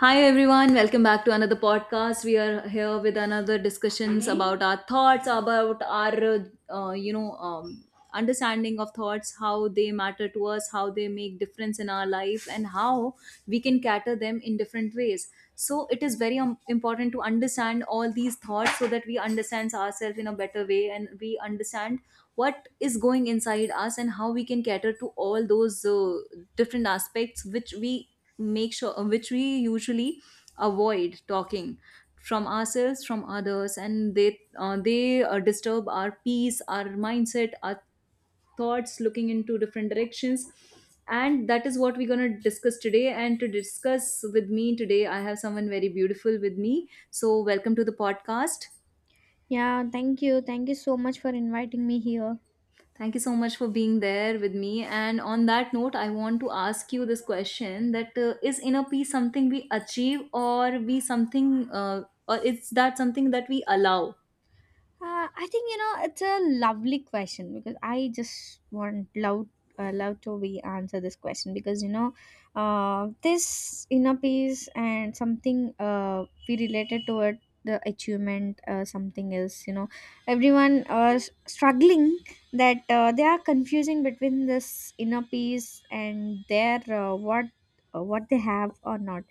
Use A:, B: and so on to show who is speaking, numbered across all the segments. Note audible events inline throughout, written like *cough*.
A: Hi everyone, welcome back to another podcast. We are here with another discussions about our thoughts, about our understanding of thoughts, how they matter to us, how they make difference in our life, and how we can cater them in different ways. So it is very important to understand all these thoughts so that we understand ourselves in a better way and we understand what is going inside us and how we can cater to all those different aspects which we make sure which we usually avoid talking from ourselves from others, and they disturb our peace, our mindset, our thoughts looking into different directions. And that is what we're going to discuss today, and to discuss with me today I have someone very beautiful with me, so welcome to the podcast.
B: Yeah, thank you. Thank you so much for inviting me here.
A: Thank you so much for being there with me. And on that note, I want to ask you this question: that is inner peace something we achieve, or is that something that we allow?
B: I think you know it's a lovely question because I just want love, love to be answer this question because this inner peace and something we related to it the achievement something else you know everyone struggling that they are confusing between this inner peace and their what they have or not.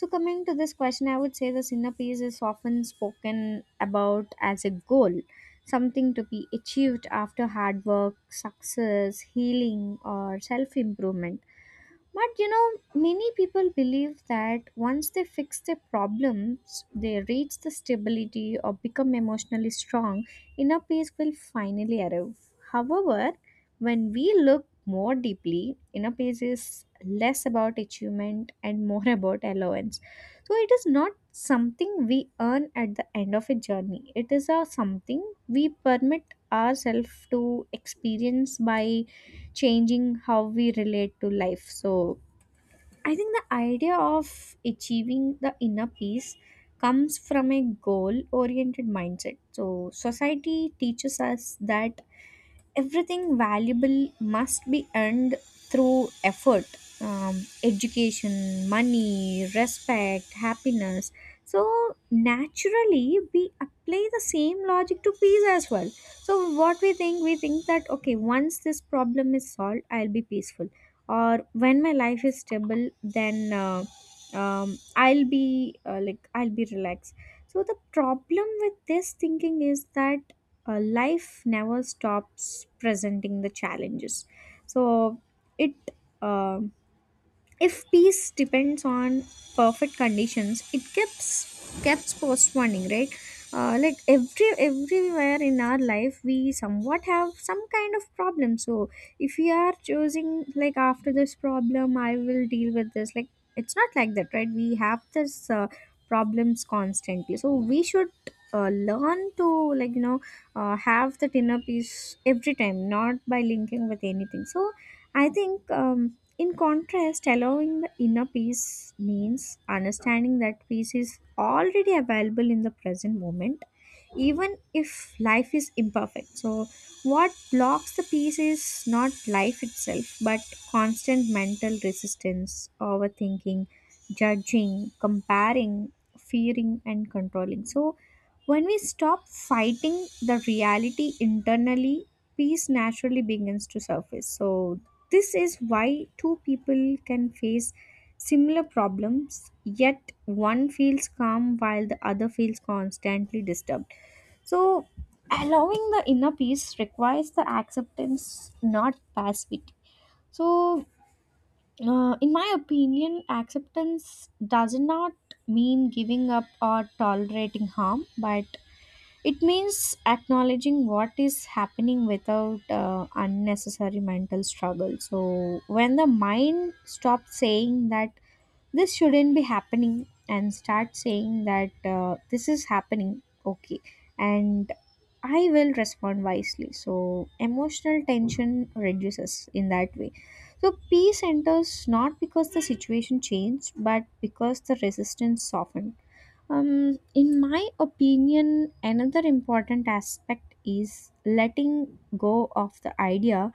B: So, coming to this question, I would say the inner peace is often spoken about as a goal, something to be achieved after hard work, success, healing, or self improvement. But you know, many people believe that once they fix their problems, they reach the stability or become emotionally strong, inner peace will finally arrive. However, when we look more deeply, inner peace is less about achievement and more *laughs* about allowance. So it is not something we earn at the end of a journey. It is a something we permit ourselves to experience by changing how we relate to life. So I think the idea of achieving the inner peace comes from a goal oriented mindset. So, society teaches us that everything valuable must be earned through effort, um, education, money, respect, happiness. So naturally we apply the same logic to peace as well. So what we think, we think that okay, once this problem is solved, I'll be peaceful, or when my life is stable, then I'll be like I'll be relaxed. So the problem with this thinking is that life never stops presenting the challenges. So it uh, if peace depends on perfect conditions, it keeps postponing, right? Like everywhere in our life we somewhat have some kind of problem. So if we are choosing like after this problem I will deal with this, like, it's not like that, right? We have this problems constantly, so we should learn to, like, you know, have that inner peace every time, not by linking with anything. So I think, in contrast, allowing the inner peace means understanding that peace is already available in the present moment even if life is imperfect. So, what blocks the peace is not life itself, but constant mental resistance, overthinking, judging, comparing, fearing, and controlling. So, when we stop fighting the reality internally, peace naturally begins to surface. So, this is why two people can face similar problems, yet one feels calm while the other feels constantly disturbed. So, allowing the inner peace requires the acceptance, not passivity. So, in my opinion, acceptance does not mean giving up or tolerating harm, but it means acknowledging what is happening without unnecessary mental struggle. So, when the mind stops saying that this shouldn't be happening, and start saying that this is happening, okay, and I will respond wisely, so emotional tension reduces in that way. So peace enters not because the situation changed but because the resistance softened. In my opinion, another important aspect is letting go of the idea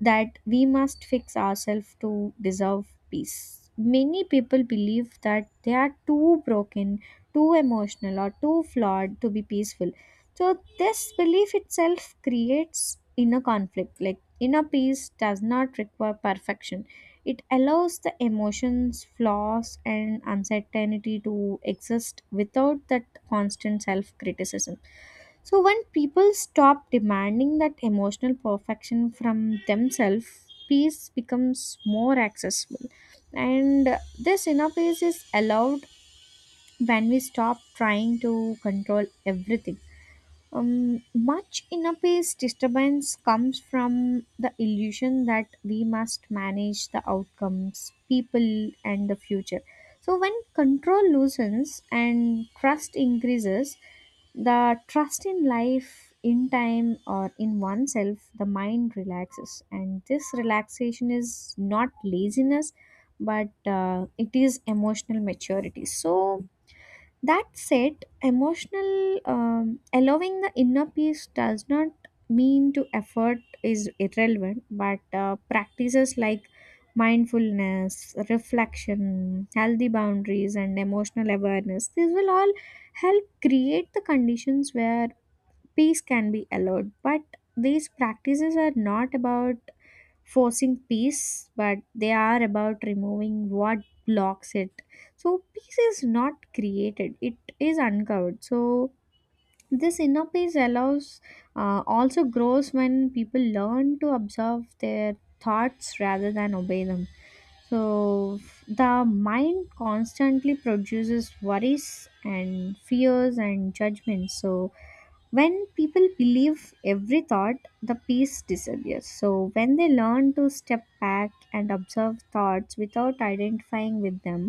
B: that we must fix ourselves to deserve peace. Many people believe that they are too broken, too emotional, or too flawed to be peaceful. So, this belief itself creates inner conflict. Like, inner peace does not require perfection, it allows the emotions, flaws, and uncertainty to exist without that constant self criticism. So when people stop demanding that emotional perfection from themselves, peace becomes more accessible. And this inner peace is allowed when we stop trying to control everything. Much inner peace disturbance comes from the illusion that we must manage the outcomes, people, and the future. So, when control loosens and trust increases, the trust in life, in time, or in oneself, the mind relaxes. And this relaxation is not laziness, but it is emotional maturity. So, that said, emotional, allowing the inner peace does not mean to effort is irrelevant, but practices like mindfulness, reflection, healthy boundaries, and emotional awareness, these will all help create the conditions where peace can be allowed. But these practices are not about forcing peace, but they are about removing what blocks it. So peace is not created; it is uncovered. So this inner peace allows, also grows when people learn to observe their thoughts rather than obey them. So the mind constantly produces worries and fears and judgments. So when people believe every thought, the peace disappears. So when they learn to step back and observe thoughts without identifying with them,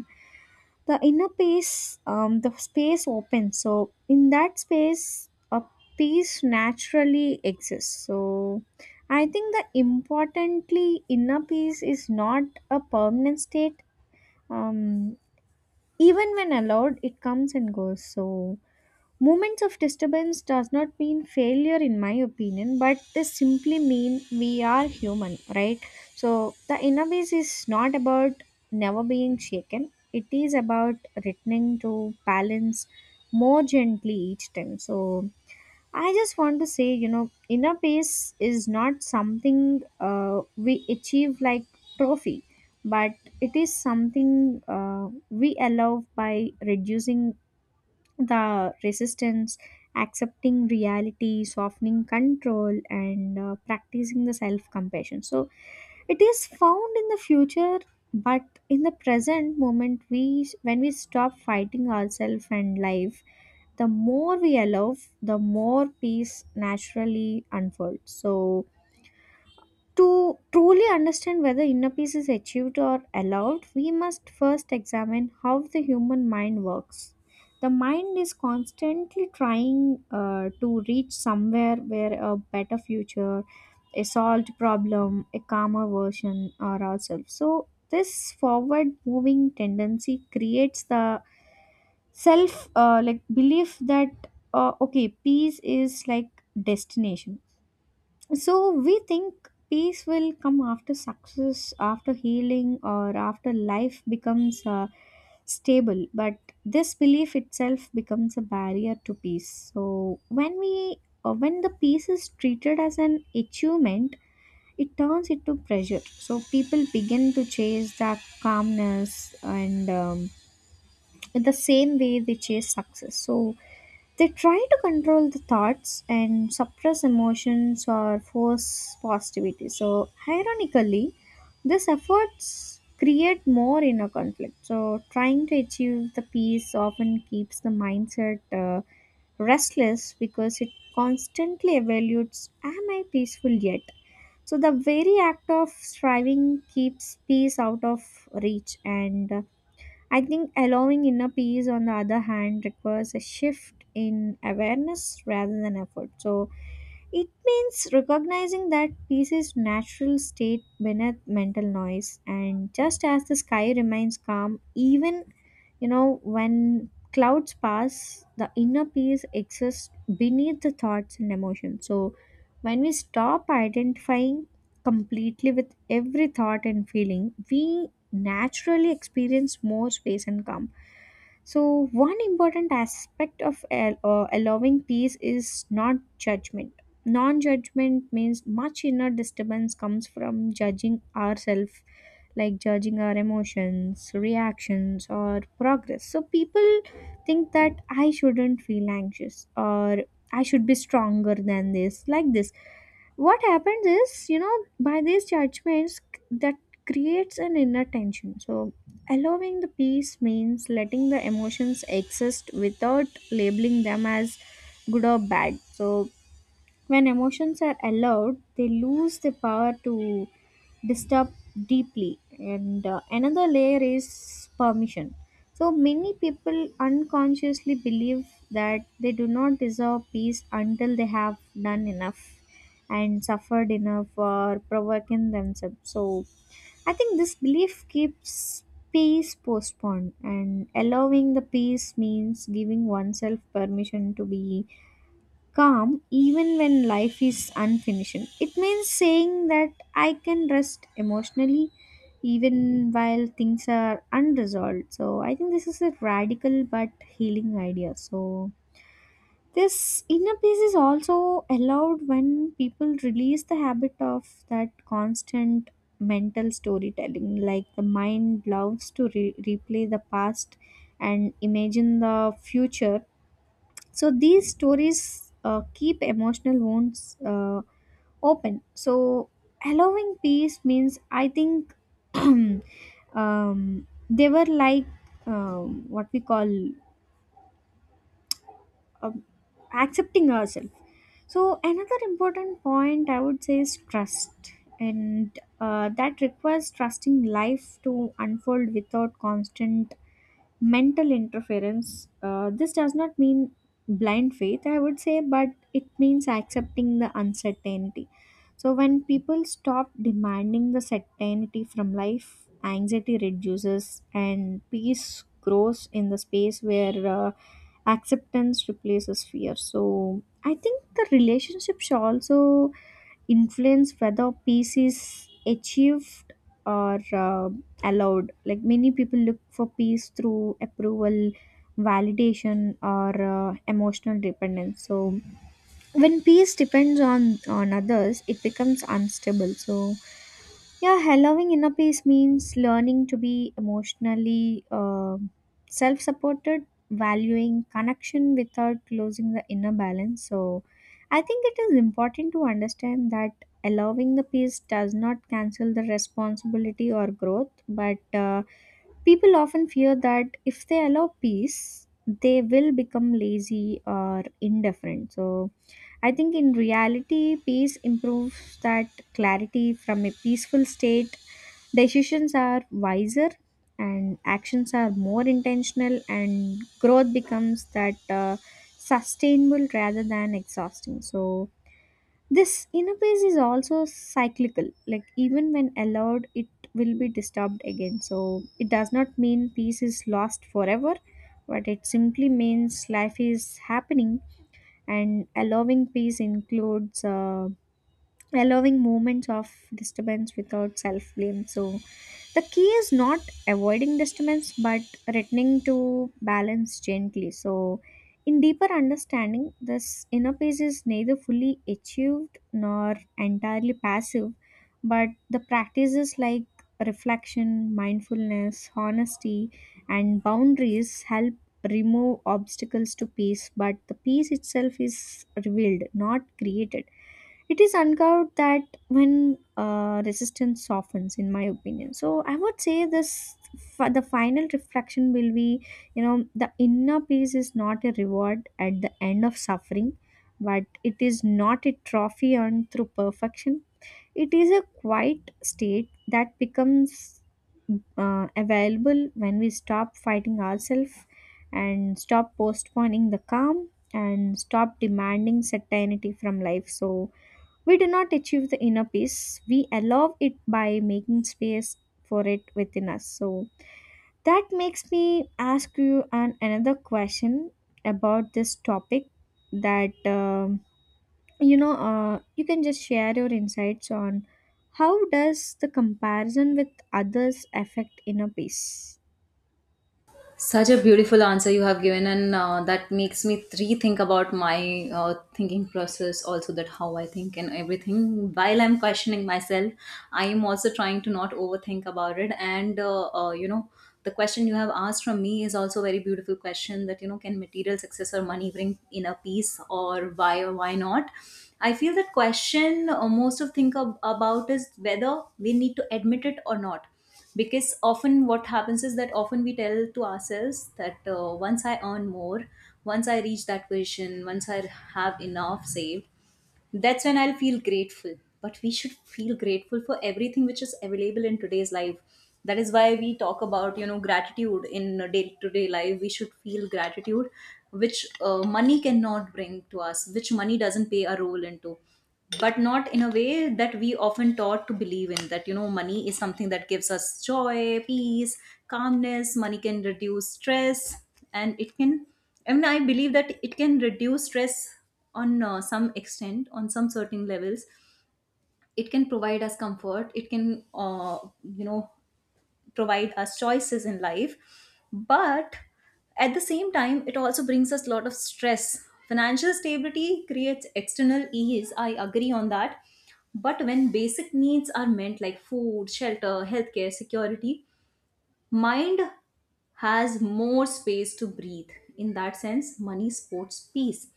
B: the inner peace, the space opens. So in that space a peace naturally exists. So I think, the importantly, inner peace is not a permanent state. Um, even when allowed it comes and goes. So moments of disturbance does not mean failure in my opinion, but they simply mean we are human, right? So the inner peace is not about never being shaken. It is about returning to balance more gently each time. So I just want to say, you know, inner peace is not something we achieve like trophy, but it is something we allow by reducing the resistance, accepting reality, softening control, and practicing the self compassion. So, it is found in the future, but in the present moment, we, when we stop fighting ourselves and life, the more we allow, the more peace naturally unfolds. So, to truly understand whether inner peace is achieved or allowed, we must first examine how the human mind works. The mind is constantly trying to reach somewhere where a better future, a solved problem, a calmer version or ourselves. So, this forward moving tendency creates the self, like, belief that okay, peace is like destination. So we think peace will come after success, after healing, or after life becomes stable. But this belief itself becomes a barrier to peace. So when the peace is treated as an achievement, it turns into pressure. So people begin to chase that calmness, and, in the same way they chase success. So they try to control the thoughts and suppress emotions or force positivity. So, ironically, these efforts create more inner conflict. So, trying to achieve the peace often keeps the mindset restless because it constantly evaluates, am I peaceful yet? So, the very act of striving keeps peace out of reach. And I think allowing inner peace, on the other hand, requires a shift in awareness rather than effort. So it means recognizing that peace is natural state beneath mental noise, and just as the sky remains calm even, you know, when clouds pass, the inner peace exists beneath the thoughts and emotions. So, when we stop identifying completely with every thought and feeling, we naturally experience more space and calm. So, one important aspect of allowing peace is not judgment. Non judgment means much inner disturbance comes from judging ourselves, like judging our emotions, reactions, or progress. So people think that I shouldn't feel anxious, or I should be stronger than this, like this. What happens is, you know, by these judgments, that creates an inner tension. So allowing the peace means letting the emotions exist without labeling them as good or bad. So when emotions are allowed, they lose the power to disturb deeply. And Another layer is permission. So many people unconsciously believe that they do not deserve peace until they have done enough and suffered enough or provoking themselves. So I think this belief keeps peace postponed, and allowing the peace means giving oneself permission to be calm even when life is unfinished. It means saying that I can rest emotionally even while things are unresolved. So I think this is a radical but healing idea. So this inner peace is also allowed when people release the habit of that constant mental storytelling, like the mind loves to replay the past and imagine the future. So these stories keep emotional wounds open. So allowing peace means, I think *clears throat* they were like, what we call, uh, accepting ourselves. So another important point I would say is trust, and that requires trusting life to unfold without constant mental interference. This does not mean blind faith, I would say, but it means accepting the uncertainty. So, when people stop demanding the certainty from life, anxiety reduces and peace grows in the space where acceptance replaces fear. So, I think the relationship should also influence whether peace is achieved or allowed, like many people look for peace through approval, validation, or emotional dependence. So when peace depends on others, it becomes unstable. So yeah, allowing inner peace means learning to be emotionally, self supported, valuing connection without losing the inner balance. So, I think it is important to understand that allowing the peace does not cancel the responsibility or growth, but people often fear that if they allow peace, they will become lazy or indifferent. So, I think in reality, peace improves that clarity from a peaceful state. Decisions are wiser and actions are more intentional, and growth becomes that sustainable rather than exhausting. So, this inner peace is also cyclical, like, even when allowed, it will be disturbed again. So, it does not mean peace is lost forever, but it simply means life is happening, and allowing peace includes allowing moments of disturbance without self blame. So the key is not avoiding disturbance but returning to balance gently. So, in deeper understanding, this inner peace is neither fully achieved nor entirely passive, but the practices like reflection, mindfulness, honesty, and boundaries help remove obstacles to peace, but the peace itself is revealed, not created. It is uncovered that when resistance softens, in my opinion. So I would say this: the final reflection will be, you know, the inner peace is not a reward at the end of suffering, but it is not a trophy earned through perfection. It is a quiet state that becomes available when we stop fighting ourselves and stop postponing the calm and stop demanding certainty from life. So we do not achieve the inner peace, we allow it by making space for it within us. So that makes me ask you another question about this topic that You know, you can just share your insights on how does the comparison with others affect inner peace.
A: Such a beautiful answer you have given, and that makes me rethink about my thinking process, also that how I think and everything. While I'm questioning myself, I am also trying to not overthink about it. And you know, the question you have asked from me is also a very beautiful question. That, you know, can material success or money bring inner peace, or why not? I feel that question, most of think about, is whether we need to admit it or not, because often what happens is that often we tell to ourselves that once I earn more, once I reach that position, once I have enough saved, that's when I'll feel grateful. But we should feel grateful for everything which is available in today's life. That is why we talk about, you know, gratitude in day to day life. We should feel gratitude which money cannot bring to us, which money doesn't play a role into, but not in a way that we often taught to believe in, that you know money is something that gives us joy, peace, calmness. Money can reduce stress, and it can, I mean, I believe that it can reduce stress on some extent, on some certain levels. It can provide us comfort, it can, you know, provide us choices in life. But at the same time it also brings us a lot of stress. Financial stability creates external ease, I agree on that. But when basic needs are meant, like food, shelter, healthcare, security, mind has more space to breathe. In that sense money supports peace,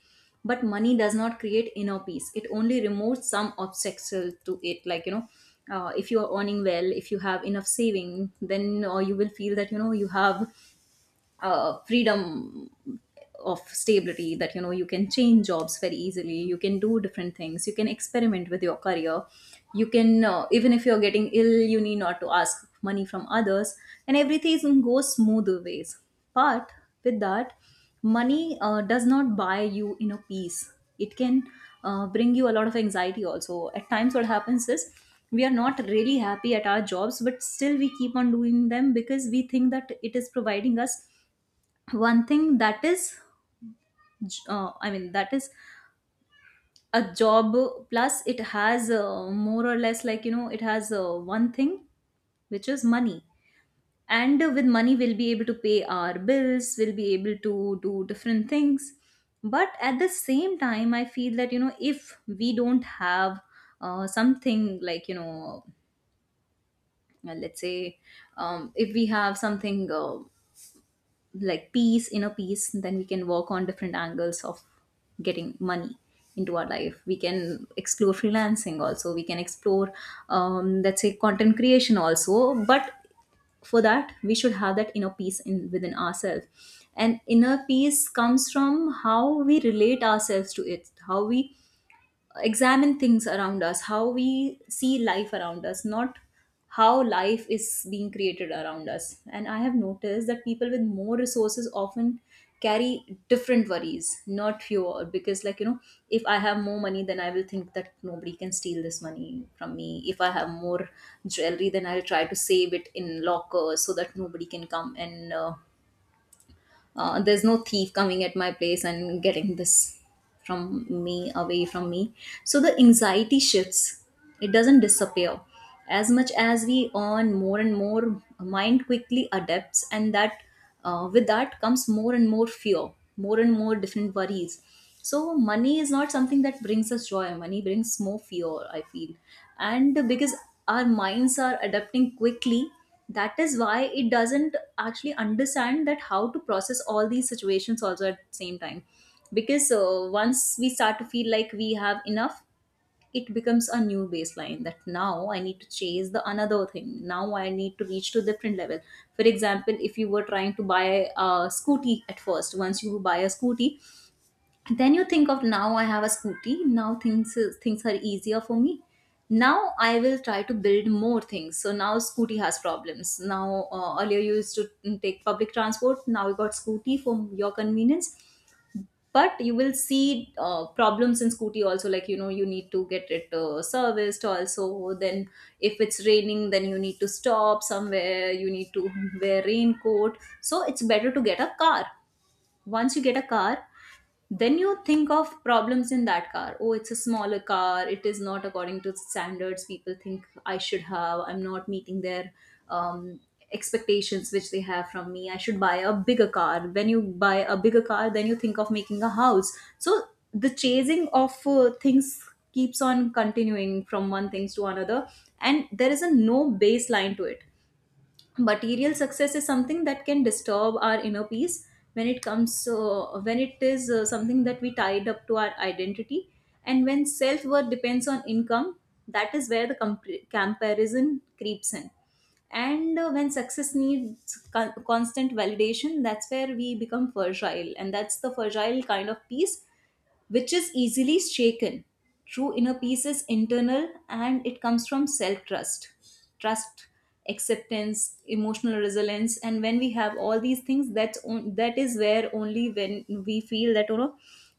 A: but money does not create inner peace. It only removes some obstacle to it. Like, you know, if you are earning well, if you have enough saving, then you will feel that, you know, you have freedom of stability, that you know you can change jobs very easily, you can do different things, you can experiment with your career, you can, even if you're getting ill, you need not to ask money from others, and everything goes smoother ways. But with that, money does not buy you inner peace. It can bring you a lot of anxiety also. At times what happens is we are not really happy at our jobs, but still we keep on doing them because we think that it is providing us one thing that is, I mean that is a job, plus it has, more or less, like, you know, it has one thing, which is money, and with money we'll be able to pay our bills, we'll be able to do different things. But at the same time I feel that, you know, if we don't have something, like, you know, let's say, if we have something, like peace, inner peace, then we can work on different angles of getting money into our life. We can explore freelancing also, we can explore, let's say content creation also, but for that we should have that inner peace in within ourselves. And inner peace comes from how we relate ourselves to it, how we examine things around us, how we see life around us, not how life is being created around us. And I have noticed that people with more resources often carry different worries, not fewer. Because, like, you know, if I have more money, then I will think that nobody can steal this money from me. If I have more jewelry, then I'll try to save it in lockers so that nobody can come and, there's no thief coming at my place and getting this from me, away from me. So the anxiety shifts, it doesn't disappear. As much as we earn more and more, mind quickly adapts, and that, with that comes more and more fear, more and more different worries. So money is not something that brings us joy, money brings more fear, I feel. And because our minds are adapting quickly, that is why it doesn't actually understand that how to process all these situations also at the same time. Because once we start to feel like we have enough, it becomes a new baseline, that now I need to chase the another thing, now I need to reach to different level. For example, if you were trying to buy a scooty at first, once you buy a scooty, then you think of, now I have a scooty, now things are easier for me, now I will try to build more things. So now scooty has problems. Now, earlier you used to take public transport, now you got scooty for your convenience, but you will see problems in scooty also. Like, you know, you need to get it serviced also, then if it's raining then you need to stop somewhere, you need to wear raincoat, so it's better to get a car. Once you get a car, then you think of problems in that car. Oh, it's a smaller car, it is not according to standards people think I should have, I'm not meeting their um, expectations which they have from me, I should buy a bigger car. When you buy a bigger car, then you think of making a house. So the chasing of things keeps on continuing from one things to another, and there is a no baseline to it. Material success is something that can disturb our inner peace when it comes, when it is something that we tied up to our identity, and when self worth depends on income, that is where the comparison creeps in. And when success needs constant validation, that's where we become fragile, and that's the fragile kind of peace, which is easily shaken. True inner peace is internal, and it comes from self trust, trust, acceptance, emotional resilience. And when we have all these things, that is where, only when we feel that, you know,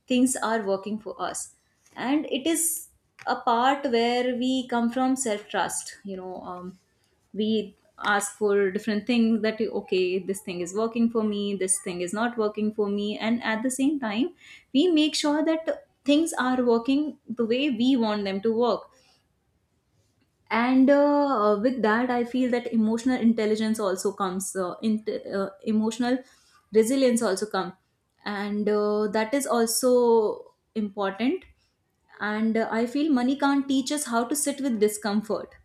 A: things are working for us. And it is a part where we come from self trust. You know, we ask for different things, that okay this thing is working for me, this thing is not working for me, and at the same time we make sure that things are working the way we want them to work. And with that I feel that emotional intelligence also comes in, emotional resilience also come, and that is also important. And I feel money can't teach us how to sit with discomfort,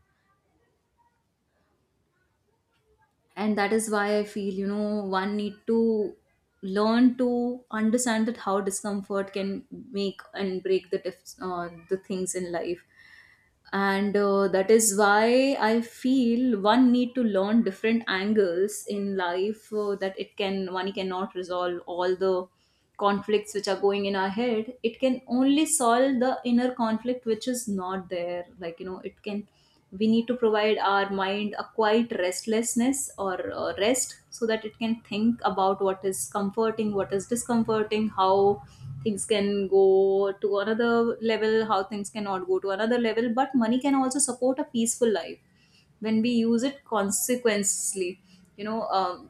A: and that is why I feel, you know, one need to learn to understand that how discomfort can make and break the the things in life. And that is why I feel one need to learn different angles in life, that it can, one cannot resolve all the conflicts which are going in our head. It can only solve the inner conflict which is not there. Like, you know, it can, we need to provide our mind a quiet restlessness, or rest, so that it can think about what is comforting, what is discomforting, how things can go to another level, how things cannot go to another level. But money can also support a peaceful life when we use it consequently. You know,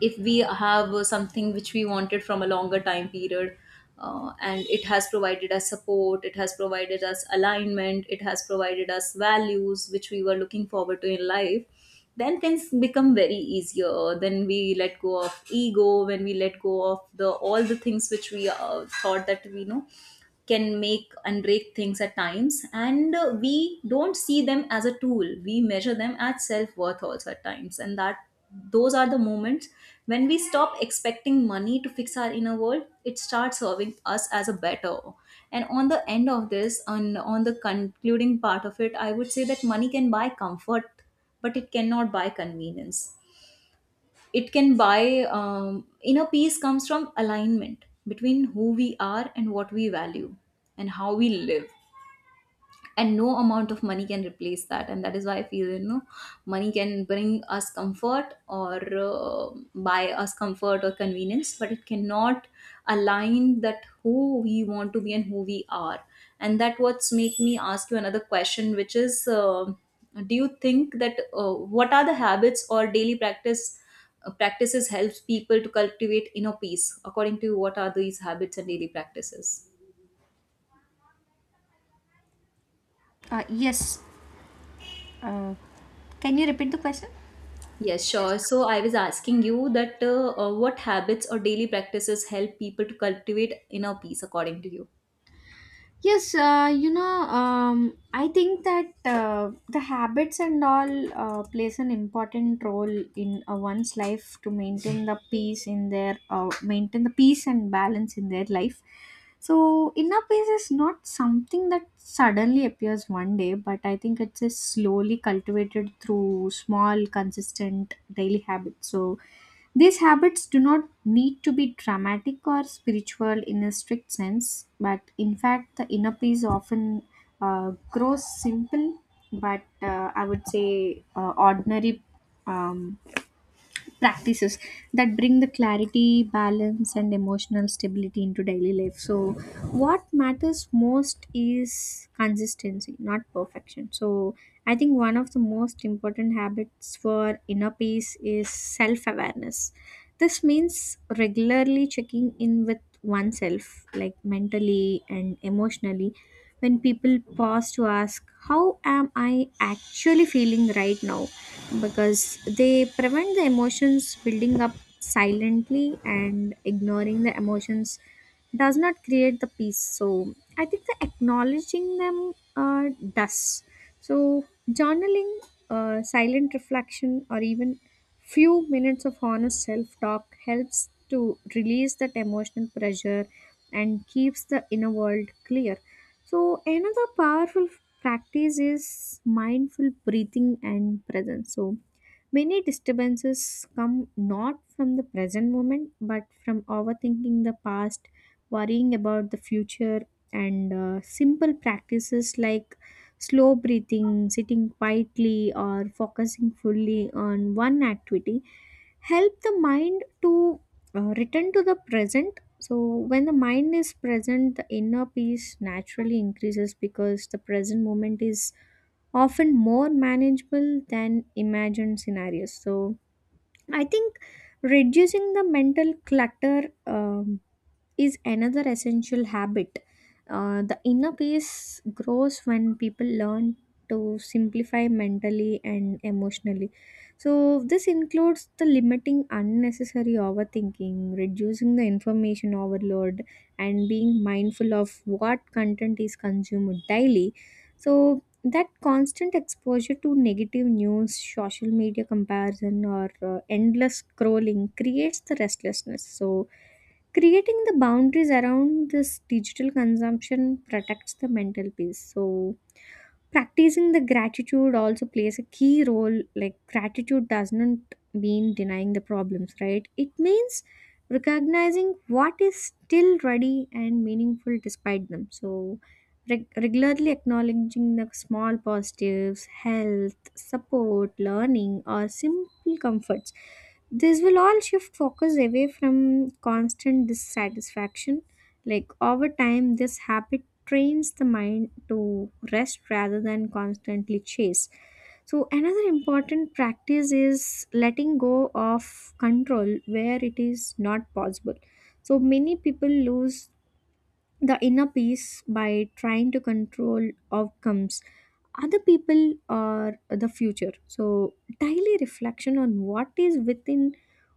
A: if we have something which we wanted from a longer time period, and it has provided us support, it has provided us alignment, it has provided us values which we were looking forward to in life, then things become very easier. Then we let go of ego, when we let go of the all the things which we, thought that we know can make and break things at times, and we don't see them as a tool, we measure them as self-worth also at times. And that, those are the moments when we stop expecting money to fix our inner world, it starts serving us as a better. And on the end of this, on the concluding part of it, I would say that money can buy comfort but it cannot buy convenience. It can buy, inner peace comes from alignment between who we are and what we value and how we live, and no amount of money can replace that. And that is why I feel, you know, money can bring us comfort, or buy us comfort or convenience, but it cannot align that who we want to be and who we are. And that what's make me ask you another question, which is, do you think that, what are the habits or daily practices helps people to cultivate inner peace? According to you, what are these habits and daily practices?
B: Yes. Uh, can you repeat the question?
A: Yes, sure. So I was asking you that, what habits or daily practices help people to cultivate inner peace according to you.
B: Yes, you know, I think that the habits and all plays an important role in one's life to maintain the peace in their maintain the peace and balance in their life. So inner peace is not something that suddenly appears one day, but I think it's a slowly cultivated through small, consistent daily habits. So these habits do not need to be dramatic or spiritual in a strict sense, but in fact, the inner peace often grows simple, but I would say ordinary. Um, practices that bring the clarity, balance, and emotional stability into daily life. So, what matters most is consistency, not perfection. So, I think one of the most important habits for inner peace is self awareness. This means regularly checking in with oneself, like mentally and emotionally. When people pause to ask, "How am I actually feeling right now?" because they prevent the emotions building up silently, and ignoring the emotions does not create the peace. So I think the acknowledging them uh, does. So journaling, silent reflection, or even few minutes of honest self talk helps to release that emotional pressure and keeps the inner world clear. So, another powerful practice is mindful breathing and presence. So, many disturbances come not from the present moment but from overthinking the past, worrying about the future, and simple practices like slow breathing, sitting quietly, or focusing fully on one activity help the mind to return to the present. So, when the mind is present, the inner peace naturally increases because the present moment is often more manageable than imagined scenarios. So I think reducing the mental clutter is another essential habit. The inner peace grows when people learn to simplify mentally and emotionally. So, this includes the limiting unnecessary overthinking, reducing the information overload, and being mindful of what content is consumed daily. So, that constant exposure to negative news, social media comparison, or endless scrolling creates the restlessness. So, creating the boundaries around this digital consumption protects the mental peace. So practicing the gratitude also plays a key role, like gratitude doesn't mean denying the problems, right? It means recognizing what is still ready and meaningful despite them. So regularly acknowledging the small positives, health, support, learning, or simple comforts, this will all shift focus away from constant dissatisfaction. Like over time, this habit trains the mind to rest rather than constantly chase. So, another important practice is letting go of control where it is not possible. So, many people lose the inner peace by trying to control outcomes, other people, or the future. So daily reflection on what is within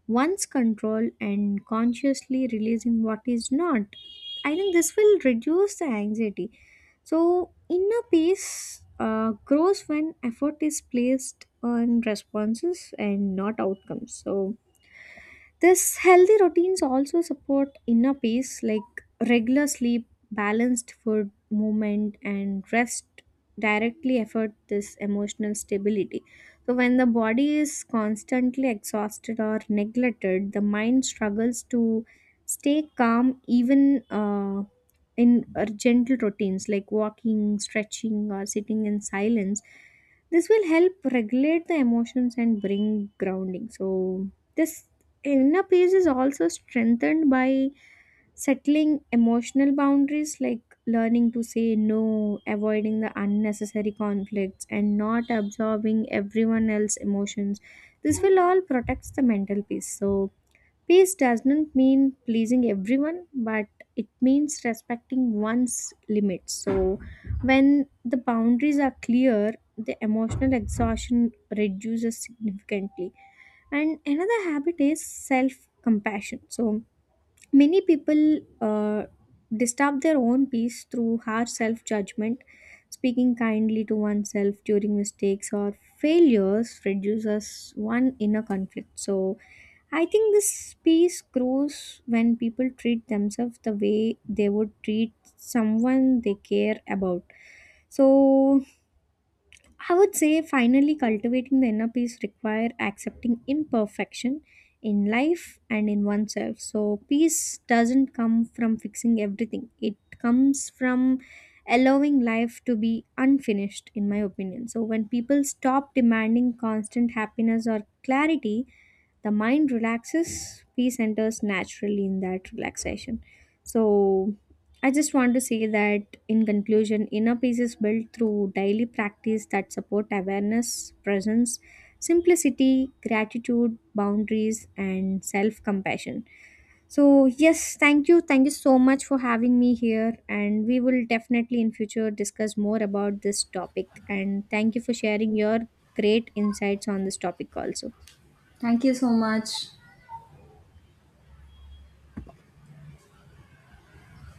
B: one's control and consciously releasing what is not, I think this will reduce the anxiety. So inner peace grows when effort is placed on responses and not outcomes. So this healthy routines also support inner peace, like regular sleep, balanced food, movement, and rest directly affect this emotional stability. So when the body is constantly exhausted or neglected, the mind struggles to stay calm. Even in gentle routines like walking, stretching, or sitting in silence, this will help regulate the emotions and bring grounding. So this inner peace is also strengthened by settling emotional boundaries, like learning to say no, avoiding the unnecessary conflicts, and not absorbing everyone else's emotions. This will all protect the mental peace. So peace does not mean pleasing everyone, but it means respecting one's limits. So, when the boundaries are clear, the emotional exhaustion reduces significantly. And another habit is self compassion. So, many people disturb their own peace through harsh self judgment. Speaking kindly to oneself during mistakes or failures reduces one inner conflict. So, I think this peace grows when people treat themselves the way they would treat someone they care about. So I would say finally cultivating the inner peace require accepting imperfection in life and in oneself. So peace doesn't come from fixing everything. It comes from allowing life to be unfinished, in my opinion. So when people stop demanding constant happiness or clarity, the mind relaxes, peace enters naturally in that relaxation. So I just want to say that in conclusion inner peace is built through daily practice that support awareness, presence, simplicity, gratitude, boundaries, and self compassion. So yes, thank you, thank you so much for having me here, and we will definitely in future discuss more about this topic, and thank you for sharing your great insights on this topic also.
A: Thank you so much.